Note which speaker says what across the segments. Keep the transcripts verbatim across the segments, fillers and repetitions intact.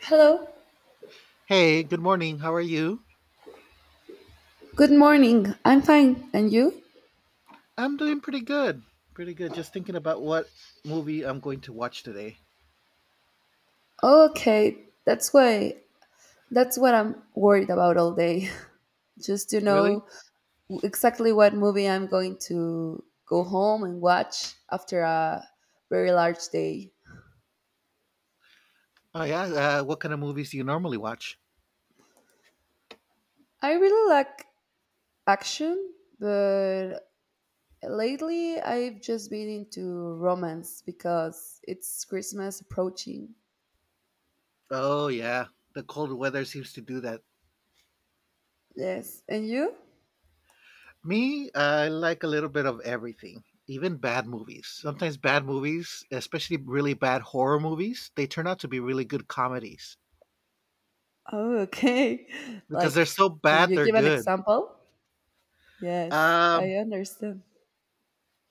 Speaker 1: Hello.
Speaker 2: Hey, good morning. How are you?
Speaker 1: Good morning. I'm fine. And you?
Speaker 2: I'm doing pretty good. Pretty good. Just thinking about what movie I'm going to watch today.
Speaker 1: Okay. That's why. That's what I'm worried about all day. Just to
Speaker 2: Really?
Speaker 1: know exactly what movie I'm going to go home and watch after a very large day.
Speaker 2: Oh, yeah. Uh, what kind of movies do you normally watch?
Speaker 1: I really like action, but lately I've just been into romance because it's Christmas approaching.
Speaker 2: Oh, yeah. The cold weather seems to do that.
Speaker 1: Yes. And you?
Speaker 2: Me, I like a little bit of everything, even bad movies. Sometimes bad movies, especially really bad horror movies, they turn out to be really good comedies
Speaker 1: Oh, okay.
Speaker 2: because they're
Speaker 1: Like,
Speaker 2: so
Speaker 1: can
Speaker 2: bad
Speaker 1: you
Speaker 2: they're
Speaker 1: give an
Speaker 2: good.
Speaker 1: example? Yes, I
Speaker 2: Um,
Speaker 1: understand.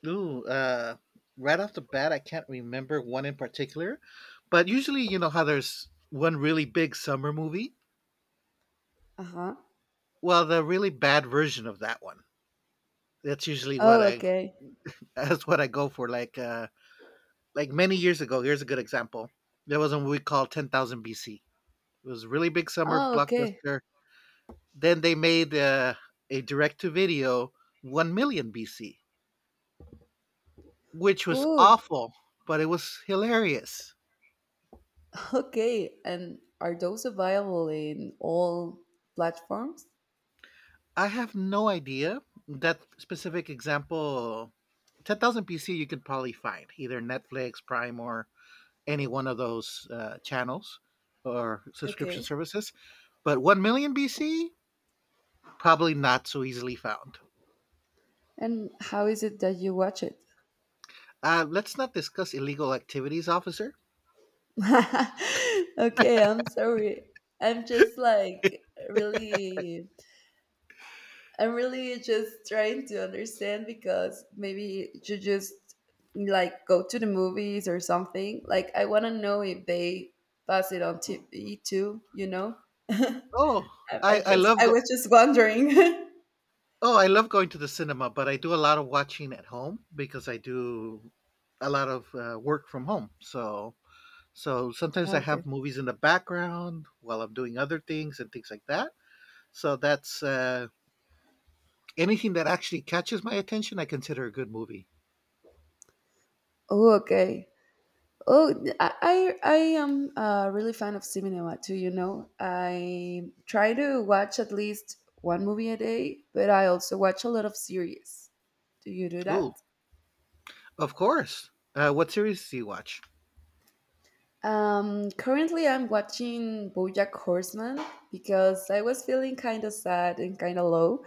Speaker 2: Ooh, uh, right off the bat, I can't remember one in particular, but usually, you know how there's one really big summer movie.
Speaker 1: Uh-huh.
Speaker 2: Well, the really bad version of that one. That's usually what
Speaker 1: Oh,
Speaker 2: I
Speaker 1: okay.
Speaker 2: that's what I go for. Like, uh, like many years ago. Here's a good example. There was a movie called Ten Thousand B C. It was a really big summer
Speaker 1: Oh, okay.
Speaker 2: blockbuster. Then they made uh, a direct to video One Million B C, which was
Speaker 1: Ooh,
Speaker 2: awful, but it was hilarious.
Speaker 1: okay. And are those available in all platforms?
Speaker 2: I have no idea. That specific example, ten thousand B C, you could probably find either Netflix, Prime, or any one of those uh, channels or subscription
Speaker 1: Okay.
Speaker 2: services. But one million B C, probably not so easily found.
Speaker 1: And how is it that you watch it?
Speaker 2: Uh, let's not discuss illegal activities, officer.
Speaker 1: Okay, I'm sorry. I'm just like really I'm really just trying to understand because maybe you just like go to the movies or something. Like I want to know if they pass it on T V too. You know,
Speaker 2: Oh,
Speaker 1: I, I
Speaker 2: I, I
Speaker 1: just
Speaker 2: love
Speaker 1: I
Speaker 2: go-
Speaker 1: was just wondering.
Speaker 2: oh I love going to the cinema, but I do a lot of watching at home because I do a lot of uh, work from home. So So sometimes
Speaker 1: Ah,
Speaker 2: I
Speaker 1: okay.
Speaker 2: have movies in the background while I'm doing other things and things like that. So that's uh, anything that actually catches my attention, I consider a good movie.
Speaker 1: Oh, okay. Oh, th- I I I am a really fan of cinema too. You know, I try to watch at least one movie a day, but I also watch a lot of series. Do you do
Speaker 2: Ooh,
Speaker 1: that?
Speaker 2: of course. Uh, what series do you watch?
Speaker 1: Um, currently, I'm watching BoJack Horseman because I was feeling kind of sad and kind of low,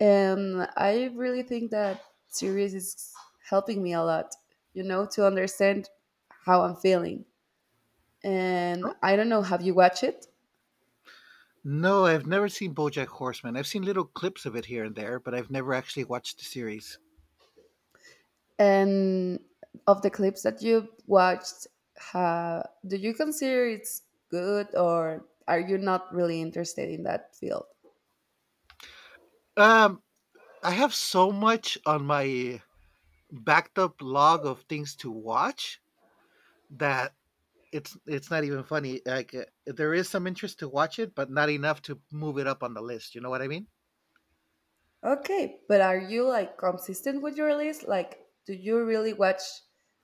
Speaker 1: and I really think that series is helping me a lot. You know, to understand how I'm feeling. And
Speaker 2: Oh.
Speaker 1: I don't know, have you watched it?
Speaker 2: No, I've never seen BoJack Horseman. I've seen little clips of it here and there, but I've never actually watched the series.
Speaker 1: And of the clips that you watched, ha do you consider it's good, or are you not really interested in that field?
Speaker 2: Um, I have so much on my backed up log of things to watch that it's it's not even funny. Like uh, there is some interest to watch it, but not enough to move it up on the list. You know what I mean?
Speaker 1: Okay, but are you like consistent with your list? Like, do you really watch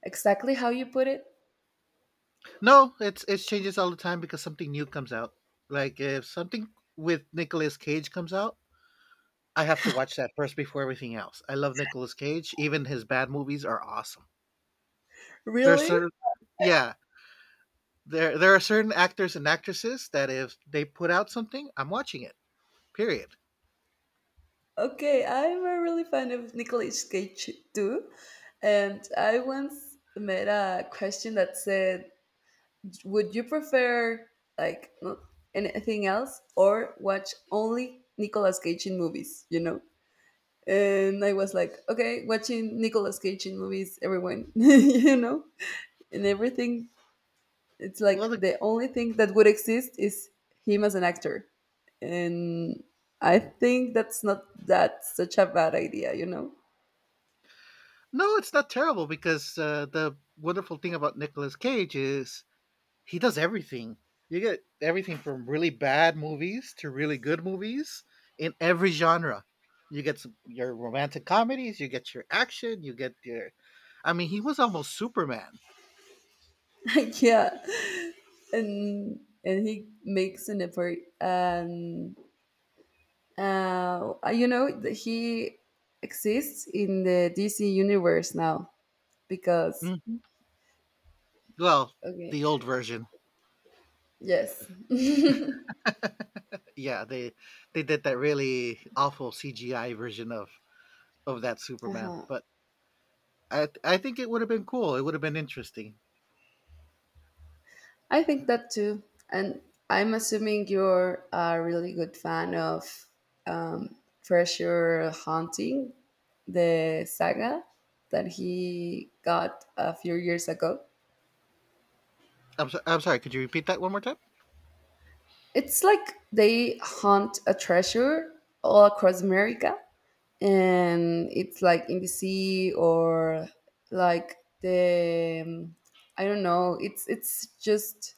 Speaker 1: exactly how you put it?
Speaker 2: No, it's it changes all the time because something new comes out. Like if something with Nicolas Cage comes out, I have to watch that first before everything else. I love Nicolas Cage. Even his bad movies are awesome. There's
Speaker 1: Really?
Speaker 2: certain, yeah, there there are certain actors and actresses that if they put out something, I'm watching it. Period.
Speaker 1: Okay, I'm a really fan of Nicolas Cage too. And I once met a question that said, would you prefer like not anything else or watch only Nicolas Cage in movies, you know? And I was like, okay, watching Nicolas Cage in movies, everyone, you know? And everything, it's
Speaker 2: Well,
Speaker 1: like
Speaker 2: the,
Speaker 1: the only thing that would exist is him as an actor, and I think that's not that such a bad idea you know
Speaker 2: no, it's not terrible because uh, the wonderful thing about Nicolas Cage is he does everything. You get everything from really bad movies to really good movies in every genre. You get some, your romantic comedies, you get your action, you get your. I mean, he was almost Superman.
Speaker 1: Yeah, and and he makes an effort, and uh you know th- he exists in the DC universe now because
Speaker 2: Mhm. Well,
Speaker 1: okay.
Speaker 2: the old version.
Speaker 1: Yes.
Speaker 2: Yeah, they they did that really awful C G I version of of that Superman,
Speaker 1: Uh-huh.
Speaker 2: but I th- I think it would have been cool. It would have been interesting.
Speaker 1: I think that too. And I'm assuming you're a really good fan of um, Treasure Hunting, the saga that he got a few years ago.
Speaker 2: I'm so, I'm sorry. Could you repeat that one more time?
Speaker 1: It's like they hunt a treasure all across America, and it's like in the sea or like the um, I don't know. It's it's just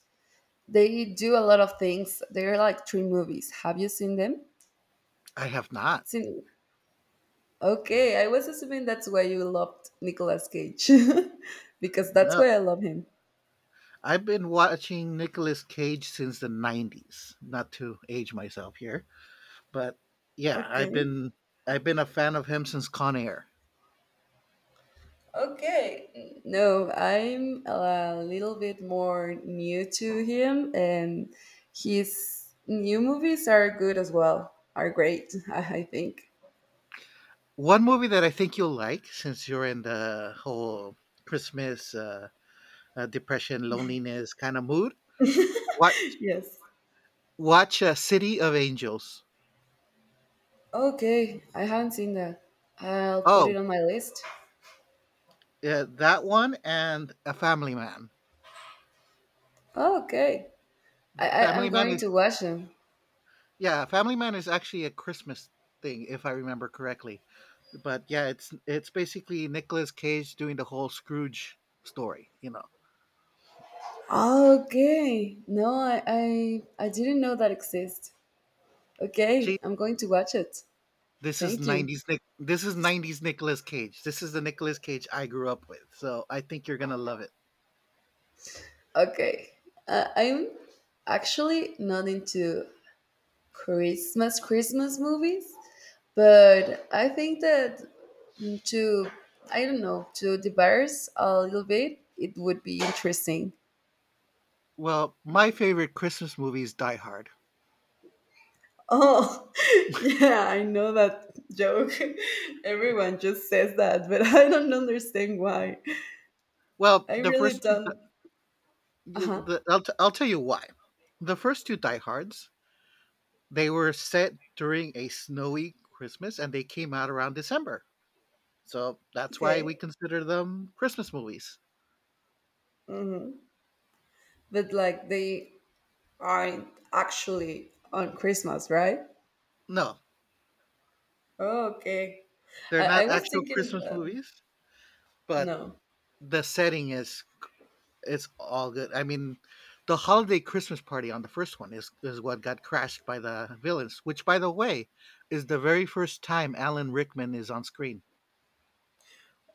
Speaker 1: they do a lot of things. They're like three movies. Have you seen them?
Speaker 2: I have not.
Speaker 1: Two. Okay, I was assuming that's why you loved Nicolas Cage because that's
Speaker 2: No,
Speaker 1: why I love him.
Speaker 2: I've been watching Nicolas Cage since the nineties. Not to age myself here, but yeah, I've
Speaker 1: Okay.
Speaker 2: been I've been a fan of him since Con Air.
Speaker 1: Okay. No, I'm a little bit more new to him, and his new movies are good as well, are great, I think.
Speaker 2: One movie that I think you'll like since you're in the whole Christmas uh, uh, depression, loneliness kind of mood. What
Speaker 1: Yes.
Speaker 2: watch uh, City of Angels.
Speaker 1: Okay, I haven't seen that. I'll put it
Speaker 2: Oh,
Speaker 1: on my list.
Speaker 2: yeah, that one and A Family Man.
Speaker 1: Okay. I, I, I'm
Speaker 2: Family Man
Speaker 1: going to watch them.
Speaker 2: Yeah, Family Man is actually a Christmas thing, if I remember correctly. But yeah, it's it's basically Nicolas Cage doing the whole Scrooge story. You know,
Speaker 1: Okay. No, I, I I didn't know that exists.
Speaker 2: see,
Speaker 1: Okay, I'm going to watch it.
Speaker 2: this is
Speaker 1: Thank you.
Speaker 2: nineties Nick. This is nineties Nicolas Cage. This is the Nicolas Cage I grew up with. So I think you're gonna love it.
Speaker 1: Okay. Uh, I'm actually not into Christmas Christmas movies, but I think that to I don't know, to diverse a little bit, it would be interesting.
Speaker 2: Well, my favorite Christmas movie is Die Hard.
Speaker 1: Oh, yeah, I know that joke. Everyone just says that, but I don't understand why.
Speaker 2: Well,
Speaker 1: I
Speaker 2: the
Speaker 1: really
Speaker 2: first two,
Speaker 1: don't.
Speaker 2: you-
Speaker 1: Uh-huh.
Speaker 2: the, I'll t- I'll tell you why. The first two Die Hards they were set during a snowy Christmas, and they came out around December. So that's why we
Speaker 1: Okay.
Speaker 2: consider them Christmas movies.
Speaker 1: Mm-hmm. But like they aren't actually on Christmas, right?
Speaker 2: No,
Speaker 1: Oh, okay.
Speaker 2: they're
Speaker 1: I, I
Speaker 2: not
Speaker 1: was
Speaker 2: actual
Speaker 1: thinking
Speaker 2: Christmas
Speaker 1: that
Speaker 2: movies, but
Speaker 1: no.
Speaker 2: the setting is it's all good. I mean, the holiday Christmas party on the first one is is what got crashed by the villains, which by the way is the very first time Alan Rickman is on screen.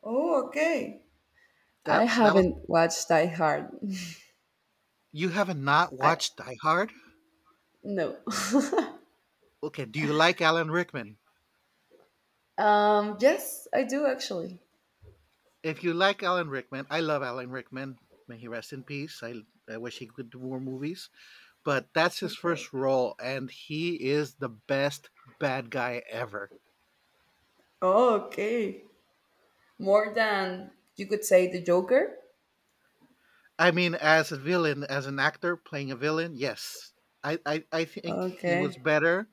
Speaker 1: Oh, okay. I
Speaker 2: That that was
Speaker 1: haven't watched Die Hard.
Speaker 2: You haven't not
Speaker 1: I
Speaker 2: watched Die Hard?
Speaker 1: no.
Speaker 2: Okay, do you like Alan Rickman?
Speaker 1: um yes, I do actually.
Speaker 2: If you like Alan Rickman, I love Alan Rickman. May he rest in peace. I I wish he could do more movies but that's his
Speaker 1: Okay.
Speaker 2: first role, and he is the best bad guy ever.
Speaker 1: Oh, okay. More than you could say the Joker.
Speaker 2: I mean, as a villain, as an actor playing a villain, yes, I I, I think he was
Speaker 1: Okay.
Speaker 2: better.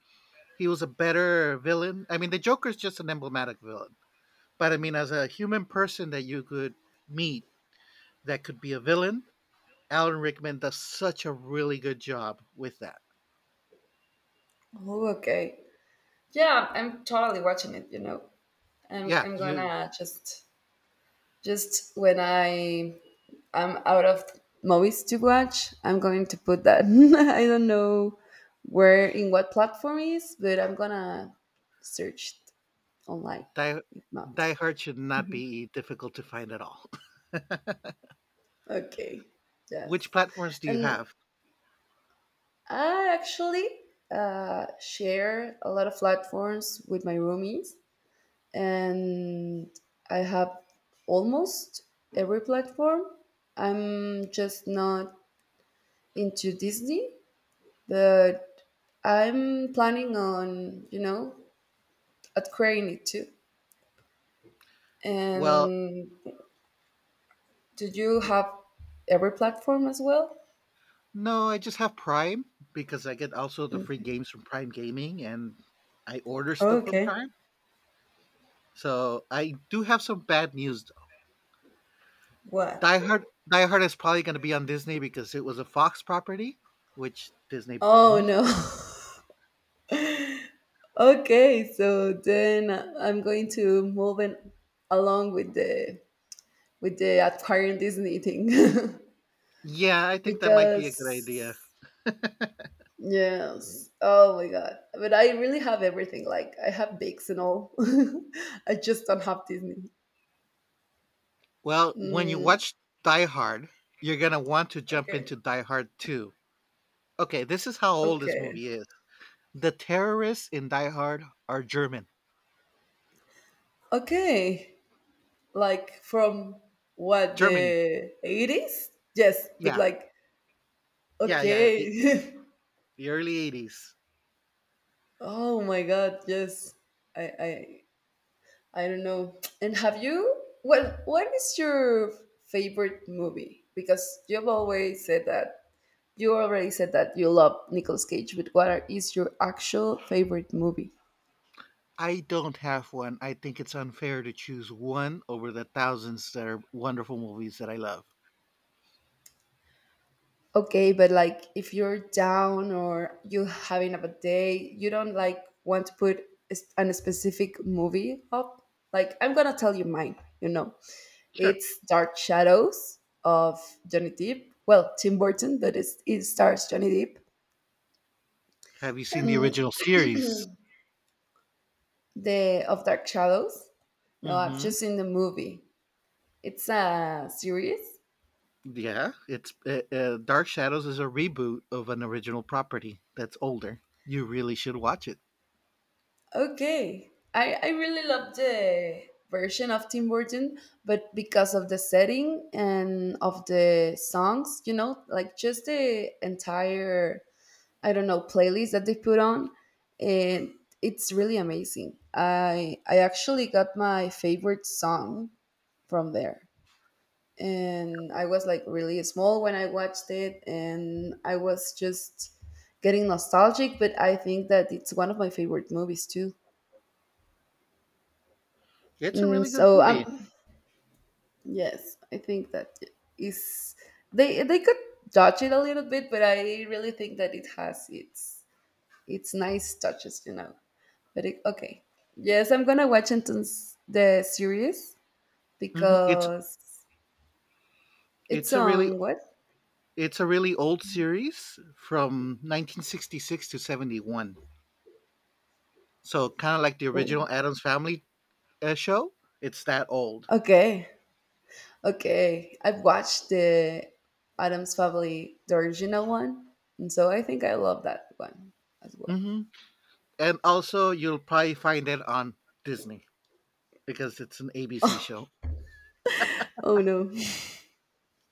Speaker 2: He was a better villain. I mean, the Joker's just an emblematic villain, but I mean, as a human person that you could meet that could be a villain, Alan Rickman does such a really good job with that.
Speaker 1: Oh, okay. Yeah, I'm totally watching it, you know. I'm
Speaker 2: Yeah,
Speaker 1: I'm
Speaker 2: you
Speaker 1: gonna just Just when I am out of movies to watch, I'm going to put that. I don't know where in what platform it is, but I'm gonna search it online.
Speaker 2: Die
Speaker 1: If not,
Speaker 2: Die Hard should not be difficult to find at all.
Speaker 1: okay, yes.
Speaker 2: Which platforms do you
Speaker 1: And
Speaker 2: have?
Speaker 1: I actually uh, share a lot of platforms with my roomies, and I have almost every platform. I'm just not into Disney, but I'm planning on, you know, acquiring it too.
Speaker 2: Well,
Speaker 1: And do you have every platform as well?
Speaker 2: No, I just have Prime because I get also the free games from Prime Gaming and I order stuff from
Speaker 1: Okay.
Speaker 2: Prime. So I do have some bad news. though.
Speaker 1: What?
Speaker 2: Die Hard Die Hard is probably going to be on Disney because it was a Fox property, which Disney
Speaker 1: Oh
Speaker 2: owns.
Speaker 1: no. Okay, so then I'm going to move in along with the with the acquiring Disney thing
Speaker 2: Yeah, I think that might be a good idea.
Speaker 1: because yes. Oh my god. But I really have everything. Like I have bigs and all. I just don't have Disney.
Speaker 2: Well, when you
Speaker 1: Mm,
Speaker 2: watch Die Hard, you're going to want to jump
Speaker 1: okay.
Speaker 2: into Die Hard two. Okay, this is how old this
Speaker 1: Okay.
Speaker 2: movie is. The terrorists in Die Hard are German.
Speaker 1: Okay. Like from what
Speaker 2: Germany.
Speaker 1: the eighties? Yes, but
Speaker 2: Yeah.
Speaker 1: like
Speaker 2: Yeah, yeah, the,
Speaker 1: okay.
Speaker 2: the early eighties.
Speaker 1: Oh my god, yes. I I I don't know. And have you well, what is your favorite movie? Because you've always said that you already said that you love Nicolas Cage, but what are, is your actual favorite movie?
Speaker 2: I don't have one. I think it's unfair to choose one over the thousands that are wonderful movies that I love.
Speaker 1: Okay, but like if you're down or you having a bad day, you don't like want to put a s- an specific movie up. Like I'm gonna tell you mine. You know,
Speaker 2: Sure.
Speaker 1: it's Dark Shadows of Johnny Depp. Well, Tim Burton, but it's, it stars Johnny Depp
Speaker 2: Have you seen the
Speaker 1: and
Speaker 2: original series?
Speaker 1: the of Dark Shadows. No, I've
Speaker 2: hmm
Speaker 1: just seen the movie. It's a series.
Speaker 2: Yeah, it's uh, uh, Dark Shadows is a reboot of an original property that's older. You really should watch it.
Speaker 1: Okay. I, I really love the version of Tim Burton, but because of the setting and of the songs, you know, like just the entire, I don't know, playlist that they put on, and it's really amazing. I I actually got my favorite song from there. And I was like really small when I watched it, and I was just getting nostalgic, but I think that it's one of my favorite movies too.
Speaker 2: It's a
Speaker 1: Mm,
Speaker 2: really good
Speaker 1: so
Speaker 2: movie.
Speaker 1: um, yes, I think that is they they could dodge it a little bit, but I really think that it has its its nice touches, you know. But it, okay, yes, I'm gonna watch until s- the series
Speaker 2: hmm It's
Speaker 1: because it's
Speaker 2: it's a really
Speaker 1: on what?
Speaker 2: it's a really old series from nineteen sixty-six to seventy-one. So kind of like the original
Speaker 1: Oh,
Speaker 2: Adams Family uh, show. It's that old.
Speaker 1: okay, okay. I've watched the Adams Family, the original one, and so I think I love that one as well.
Speaker 2: hmm and also you'll probably find it on Disney because it's an A B C show.
Speaker 1: Oh no.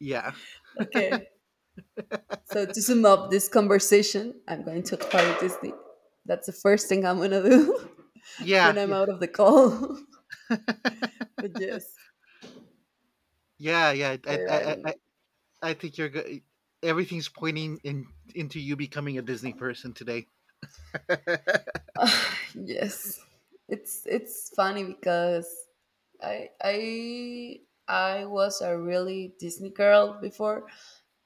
Speaker 2: Yeah,
Speaker 1: Okay. So to sum up this conversation, I'm going to acquire Disney. That's the first thing I'm gonna do
Speaker 2: yeah,
Speaker 1: when I'm
Speaker 2: yeah,
Speaker 1: out of the call. But yes,
Speaker 2: yeah, yeah. I,
Speaker 1: but I
Speaker 2: I,
Speaker 1: don't know.
Speaker 2: I, I- think you're good. Everything's pointing in into you becoming a Disney person today.
Speaker 1: Yes, it's it's funny because I I I was a really Disney girl before,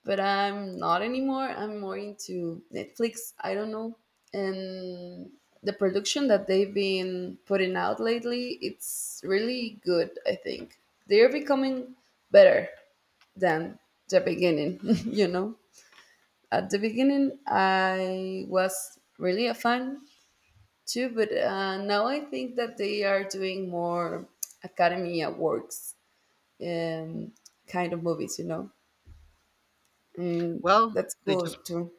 Speaker 1: but I'm not anymore. I'm more into Netflix. I don't know. And the production that they've been putting out lately, it's really good, I think. They're becoming better than the beginning, you know. At the beginning, I was really a fan too, but uh, now I think that they are doing more Academy Awards um, kind of movies, you know. Mm,
Speaker 2: Well,
Speaker 1: that's
Speaker 2: they
Speaker 1: cool
Speaker 2: just
Speaker 1: too.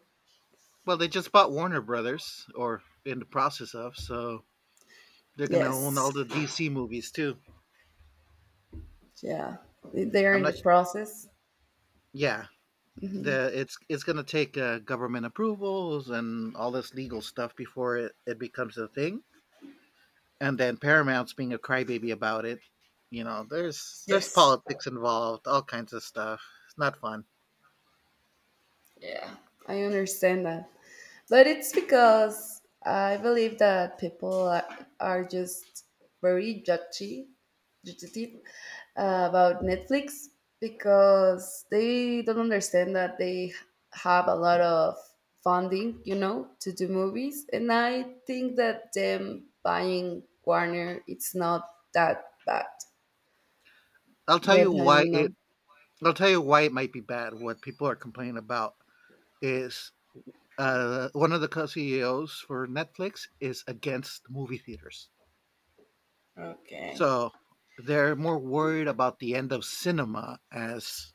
Speaker 2: well they just bought Warner Brothers, or in the process of, so they're gonna own
Speaker 1: Yes.
Speaker 2: all the D C movies too.
Speaker 1: Yeah, they're
Speaker 2: I'm
Speaker 1: in
Speaker 2: not.
Speaker 1: the
Speaker 2: S-
Speaker 1: process.
Speaker 2: Yeah, the it's it's gonna take uh, government approvals and all this legal stuff before it, it becomes a thing. And then Paramount's being a crybaby about it. You know, there's there's
Speaker 1: Yes.
Speaker 2: politics involved, all kinds of stuff. It's not fun.
Speaker 1: Yeah, I understand that. But it's because I believe that people are, are just very judgy, judgy uh, about Netflix because they don't understand that they have a lot of funding, you know, to do movies. And I think that them buying Warner, it's not that bad.
Speaker 2: I'll tell
Speaker 1: But
Speaker 2: you
Speaker 1: I
Speaker 2: why
Speaker 1: don't
Speaker 2: it.
Speaker 1: know.
Speaker 2: I'll tell you why it might be bad. What people are complaining about is uh, one of the co-C E Os for Netflix is against movie theaters,
Speaker 1: Okay.
Speaker 2: so they're more worried about the end of cinema as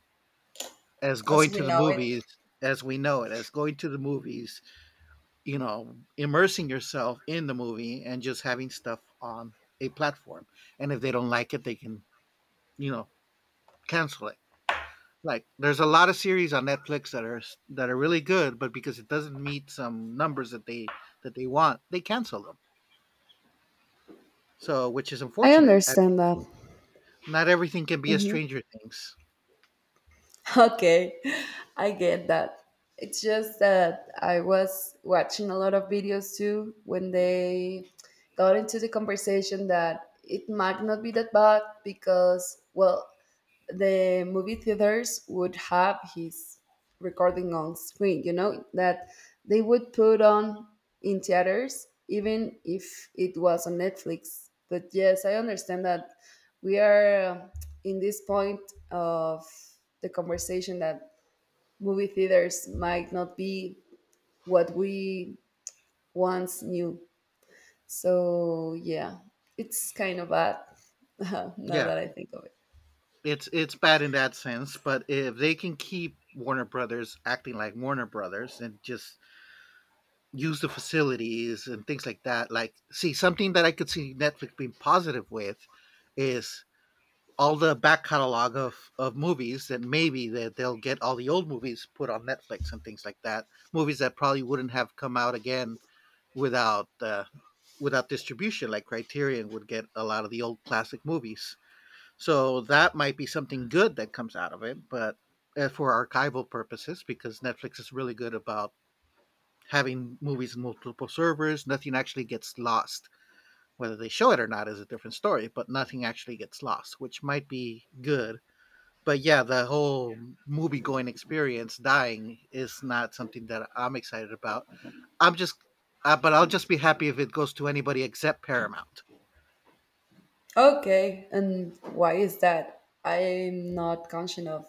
Speaker 2: as
Speaker 1: As
Speaker 2: going
Speaker 1: we
Speaker 2: to the
Speaker 1: know it.
Speaker 2: movies as we know it, as going to the movies, you know, immersing yourself in the movie and just having stuff on a platform. And if they don't like it, they can, you know, cancel it. Like there's a lot of series on Netflix that are that are really good, but because it doesn't meet some numbers that they that they want, they cancel them. So, which is
Speaker 1: I
Speaker 2: unfortunate. I-
Speaker 1: understand that.
Speaker 2: Not everything can be a
Speaker 1: hmm
Speaker 2: Stranger Things.
Speaker 1: Okay, I get that. It's just that I was watching a lot of videos too when they got into the conversation that it might not be that bad because, well, the movie theaters would have his recording on screen, you know that they would put on in theaters even if it was on Netflix. But yes, I understand that we are um, in this point of the conversation that movie theaters might not be what we once knew. So yeah, it's kind of bad. Now
Speaker 2: Yeah,
Speaker 1: that I think of it.
Speaker 2: it's it's bad in that sense, but if they can keep Warner Brothers acting like Warner Brothers and just use the facilities and things like that. Like, see, something that I could see Netflix being positive with is all the back catalog of, of movies that maybe that they'll get all the old movies put on Netflix and things like that. Movies that probably wouldn't have come out again without uh, without distribution. Like Criterion would get a lot of the old classic movies. So that might be something good that comes out of it, but uh, for archival purposes, because Netflix is really good about having movies in multiple servers, nothing actually gets lost. Whether they show it or not is a different story, but nothing actually gets lost, which might be good. But yeah, the whole movie going experience dying is not something that I'm excited about. I'm just, uh, but I'll just be happy if it goes to anybody except Paramount.
Speaker 1: Okay, and why is that? I'm not conscious of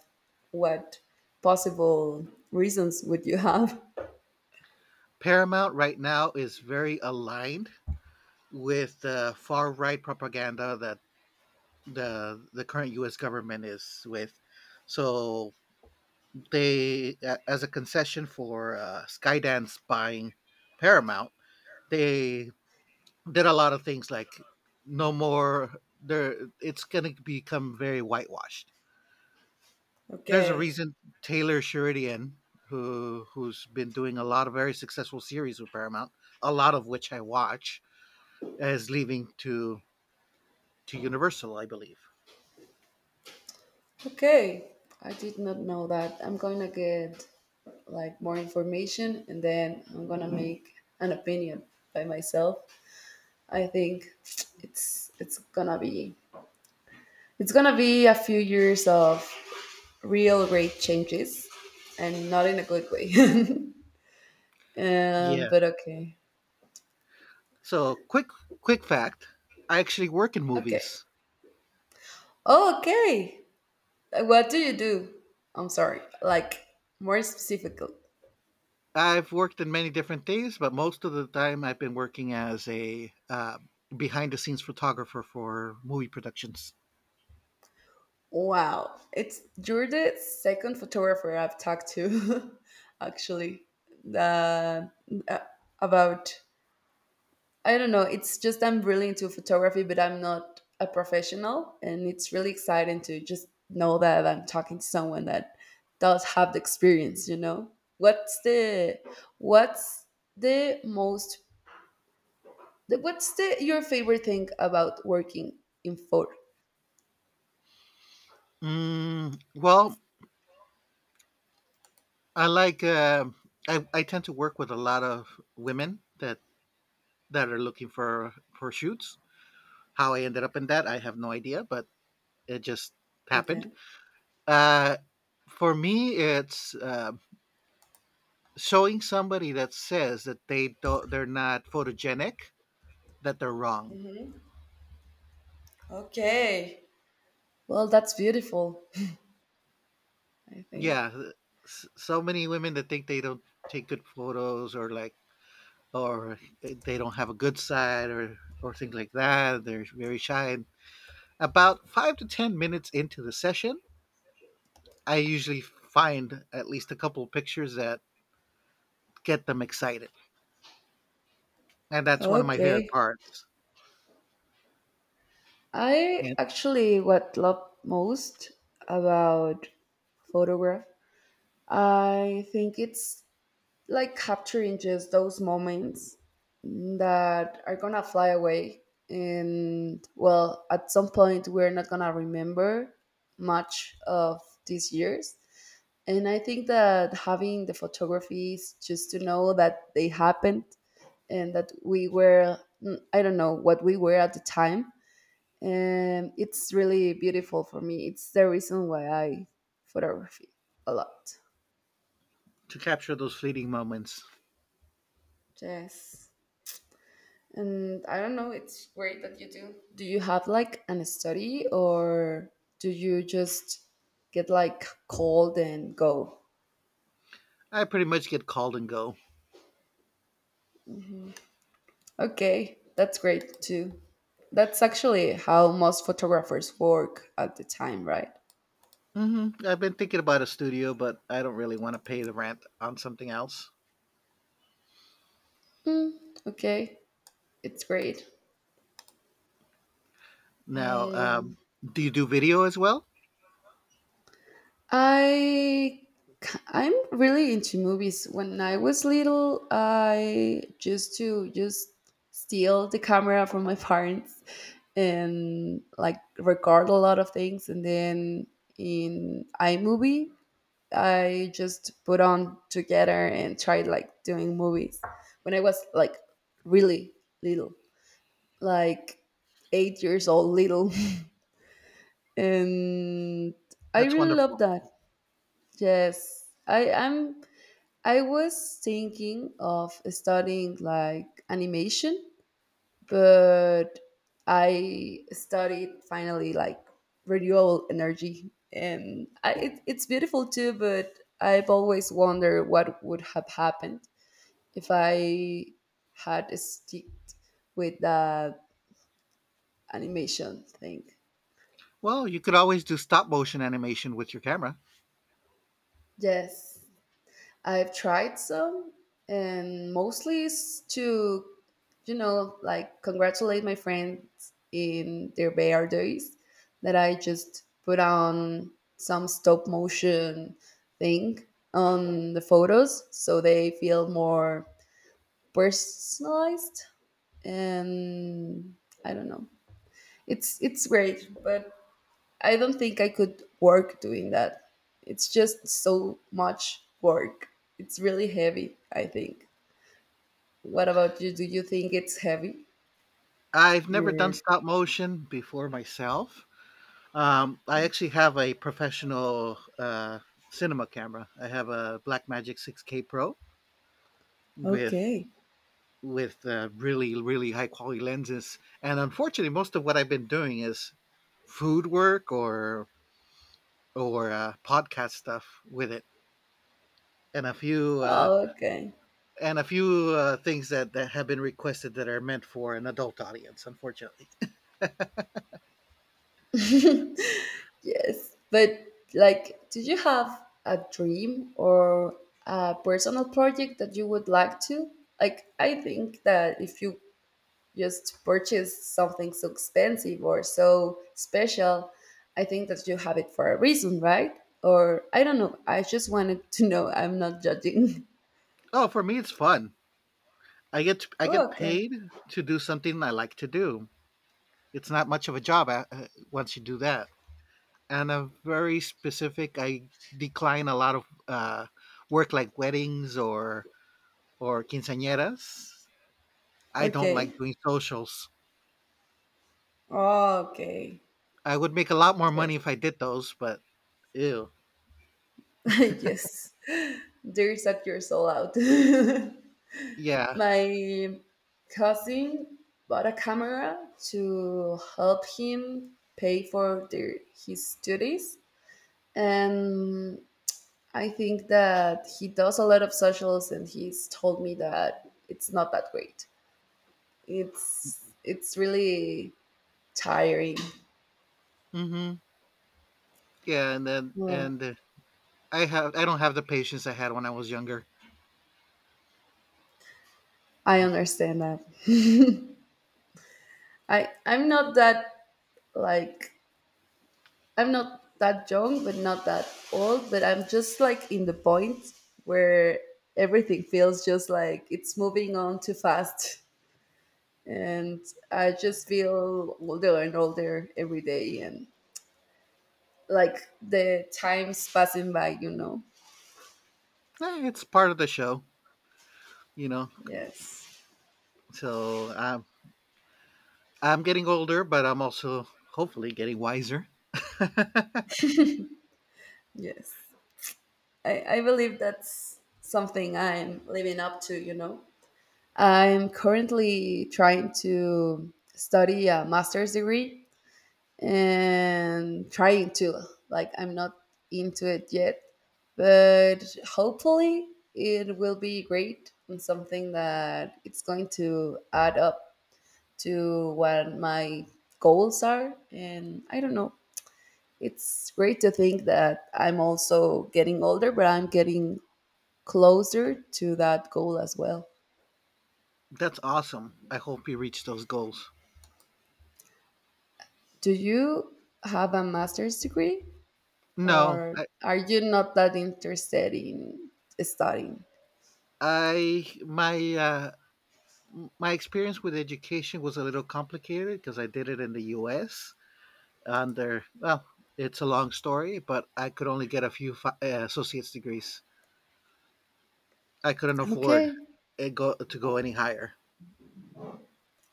Speaker 1: what possible reasons would you have.
Speaker 2: Paramount right now is very aligned with the far right propaganda that the the current U S government is with. So they a- as a concession for uh, Skydance buying Paramount, they did a lot of things like no more. There, it's going to become very whitewashed. There's a
Speaker 1: Okay,
Speaker 2: reason Taylor Sheridan, who who's been doing a lot of very successful series with Paramount, a lot of which I watch, is leaving to to Universal, I believe.
Speaker 1: okay, I did not know that. I'm gonna get like more information and then I'm gonna make an opinion by myself. I think it's it's gonna be it's gonna be a few years of real great changes and not in a good way. um,
Speaker 2: Yeah.
Speaker 1: but okay,
Speaker 2: So quick quick fact: I actually work in
Speaker 1: okay.
Speaker 2: movies.
Speaker 1: Oh, okay. Like, what do you do? I'm sorry. Like more specifically.
Speaker 2: I've worked in many different things, but most of the time I've been working as a uh, behind the scenes photographer for movie productions.
Speaker 1: Wow. It's you're the second photographer I've talked to actually. The uh, about I don't know, it's just I'm really into photography but I'm not a professional and it's really exciting to just know that I'm talking to someone that does have the experience, you know. What's the what's the most The- What's the your favorite thing about working in Ford?
Speaker 2: Mm, well, I like. Uh, I, I tend to work with a lot of women that that are looking for for shoots. How I ended up in that, I have no idea, but it just happened.
Speaker 1: Okay.
Speaker 2: Uh, for me, it's uh, showing somebody that says that they don't, they're not photogenic, that they're wrong.
Speaker 1: Okay. Well, that's beautiful, I think.
Speaker 2: Yeah, uh, s- so many women that think they don't take good photos, or like or uh, they don't have a good side, or or things like that. They're very shy. And about five to ten minutes into the session, I usually find at least a couple of pictures that get them excited. And that's one of my favorite
Speaker 1: Okay.
Speaker 2: parts.
Speaker 1: I
Speaker 2: And
Speaker 1: actually what love most about photograph. I think it's like capturing just those moments that are gonna fly away, and well at some point we're not gonna remember much of these years, and I think that having the photographies just to know that they happened, and that we were mm, I don't know what we were at the time, and it's really beautiful for me. It's the reason why I photography a lot.
Speaker 2: to capture those fleeting moments,
Speaker 1: Yes. And I don't know, it's great that you do. Do you have like an study or do you just get like cold and go?
Speaker 2: I pretty much get called and go.
Speaker 1: Okay, that's great too. That's actually how most photographers work at the time, right?
Speaker 2: Hmm, I've been thinking about a studio, but I don't really want to pay the rent on something else.
Speaker 1: Mm, okay, it's great.
Speaker 2: Now, um, do you do video as well?
Speaker 1: I i k- I'm really into movies. When I was little, I used to just steal the camera from my parents and like record a lot of things and then in iMovie I just put on together and tried like doing movies when I was like really little, like eight years old little. And I
Speaker 2: That's
Speaker 1: really love
Speaker 2: wonderful.
Speaker 1: that. Yes, I am I was thinking of studying like animation, but I studied finally like renewable energy, and I, it, it's beautiful too. But I've always wondered what would have happened if I had sticked with the animation thing.
Speaker 2: Well, you could always do stop motion animation with your camera.
Speaker 1: Yes, I've tried some, and mostly it's to, you know, like congratulate my friends in their birthdays that I just put on some stop motion thing on the photos so they feel more personalized and I don't know. It's it's great, but I don't think I could work doing that. It's just so much work. It's really heavy, I think. What about you? Do you think it's heavy?
Speaker 2: I've never done
Speaker 1: You're
Speaker 2: stop motion before myself. Um, I actually have a professional uh, cinema camera. I have a Blackmagic six K Pro with
Speaker 1: okay.
Speaker 2: with uh, really really high quality lenses. And unfortunately, most of what I've been doing is food work, or or uh, podcast stuff with it, and a few uh,
Speaker 1: Oh, okay.
Speaker 2: and a few uh, things that, that have been requested that are meant for an adult audience, unfortunately.
Speaker 1: Yes. But, like, do you have a dream or a personal project that you would like to? Like, I think that if you just purchase something so expensive or so special, I think that you have it for a reason, right? Or I don't know. I just wanted to know. I'm not judging.
Speaker 2: Oh, for me, it's fun. i get to, i get
Speaker 1: Oh, okay.
Speaker 2: paid to do something I like to do. It's not much of a job uh, uh, once you do that. And I'm very specific. I decline a lot of uh, work like weddings or or quinceañeras. I don't like
Speaker 1: Okay.
Speaker 2: doing socials.
Speaker 1: Oh, okay.
Speaker 2: I would make a lot more money
Speaker 1: Yes.
Speaker 2: if I did those, but ew.
Speaker 1: Yes. There's that your soul out.
Speaker 2: Yeah.
Speaker 1: My cousin bought a camera to help him pay for their, his studies. And I think that he does a lot of socials, and he's told me that it's not that great. It's it's really tiring.
Speaker 2: hmm yeah and then
Speaker 1: Well,
Speaker 2: and uh, I have I don't have the patience I had when I was younger.
Speaker 1: I understand that. I I'm not that like I'm not that young, but not that old. But I'm just like in the point where everything feels just like it's moving on too fast, and I just feel older and older every day, and like the times passing by, you know.
Speaker 2: Eh, it's part of the show, you know.
Speaker 1: Yes.
Speaker 2: So I'm I'm getting older, but I'm also hopefully getting wiser.
Speaker 1: Yes, i i believe that's something I'm living up to, you know. I'm currently trying to study a master's degree and trying to like I'm not into it yet, but hopefully it will be great and something that it's going to add up to what my goals are, and I don't know. It's great to think that I'm also getting older, but I'm getting closer to that goal as well.
Speaker 2: That's awesome. I hope you reach those goals.
Speaker 1: Do you have a master's degree
Speaker 2: No,
Speaker 1: or
Speaker 2: I
Speaker 1: are you not that interested in studying?
Speaker 2: I my uh, my experience with education was a little complicated because I did it in the U S under, well, it's a long story, but I could only get a few fi- uh, associate's degrees. I couldn't afford
Speaker 1: Okay.
Speaker 2: it go to go any higher.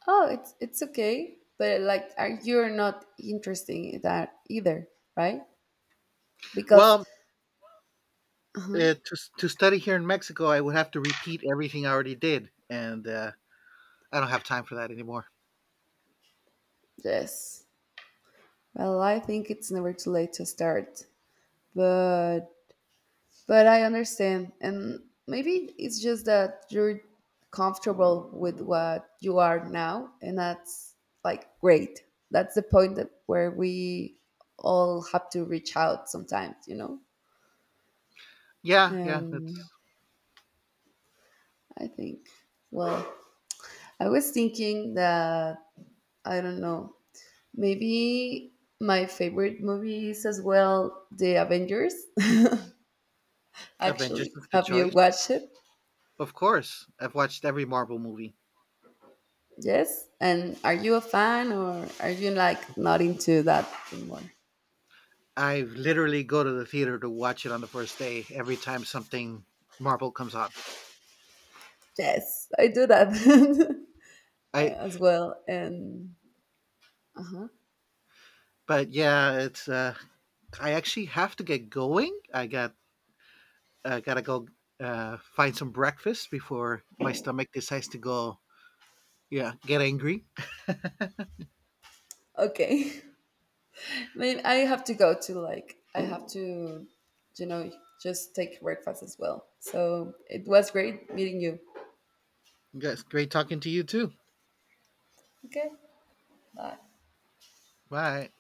Speaker 1: Oh, it's it's okay, but like are you're not interested in that either, right? Because
Speaker 2: Well,
Speaker 1: uh-huh,
Speaker 2: uh, to to study here in Mexico, I would have to repeat everything I already did, and uh, I don't have time for that anymore.
Speaker 1: yes. Well, I think it's never too late to start, but But I understand. And maybe it's just that you're comfortable with what you are now. And that's like great. That's the point that where we all have to reach out sometimes, you know?
Speaker 2: Yeah, yeah,
Speaker 1: Um,
Speaker 2: that's
Speaker 1: I think, well, I was thinking that, I don't know, maybe my favorite movie is as well The Avengers,
Speaker 2: Avengers
Speaker 1: actually.
Speaker 2: is the
Speaker 1: Have you
Speaker 2: choice.
Speaker 1: watched it?
Speaker 2: Of course, I've watched every Marvel movie.
Speaker 1: Yes. And are you a fan or are you like not into that anymore?
Speaker 2: I literally go to the theater to watch it on the first day every time something Marvel comes on.
Speaker 1: Yes, I do that
Speaker 2: I
Speaker 1: as well. And uh-huh.
Speaker 2: but yeah, it's uh, I actually have to get going. I got I gotta go uh, find some breakfast before my stomach decides to go. Yeah, get angry.
Speaker 1: Okay. I mean, I have to go to like I have to, you know, just take breakfast as well. So it was great meeting you.
Speaker 2: Guys, great talking to you too.
Speaker 1: Okay. Bye.
Speaker 2: Bye.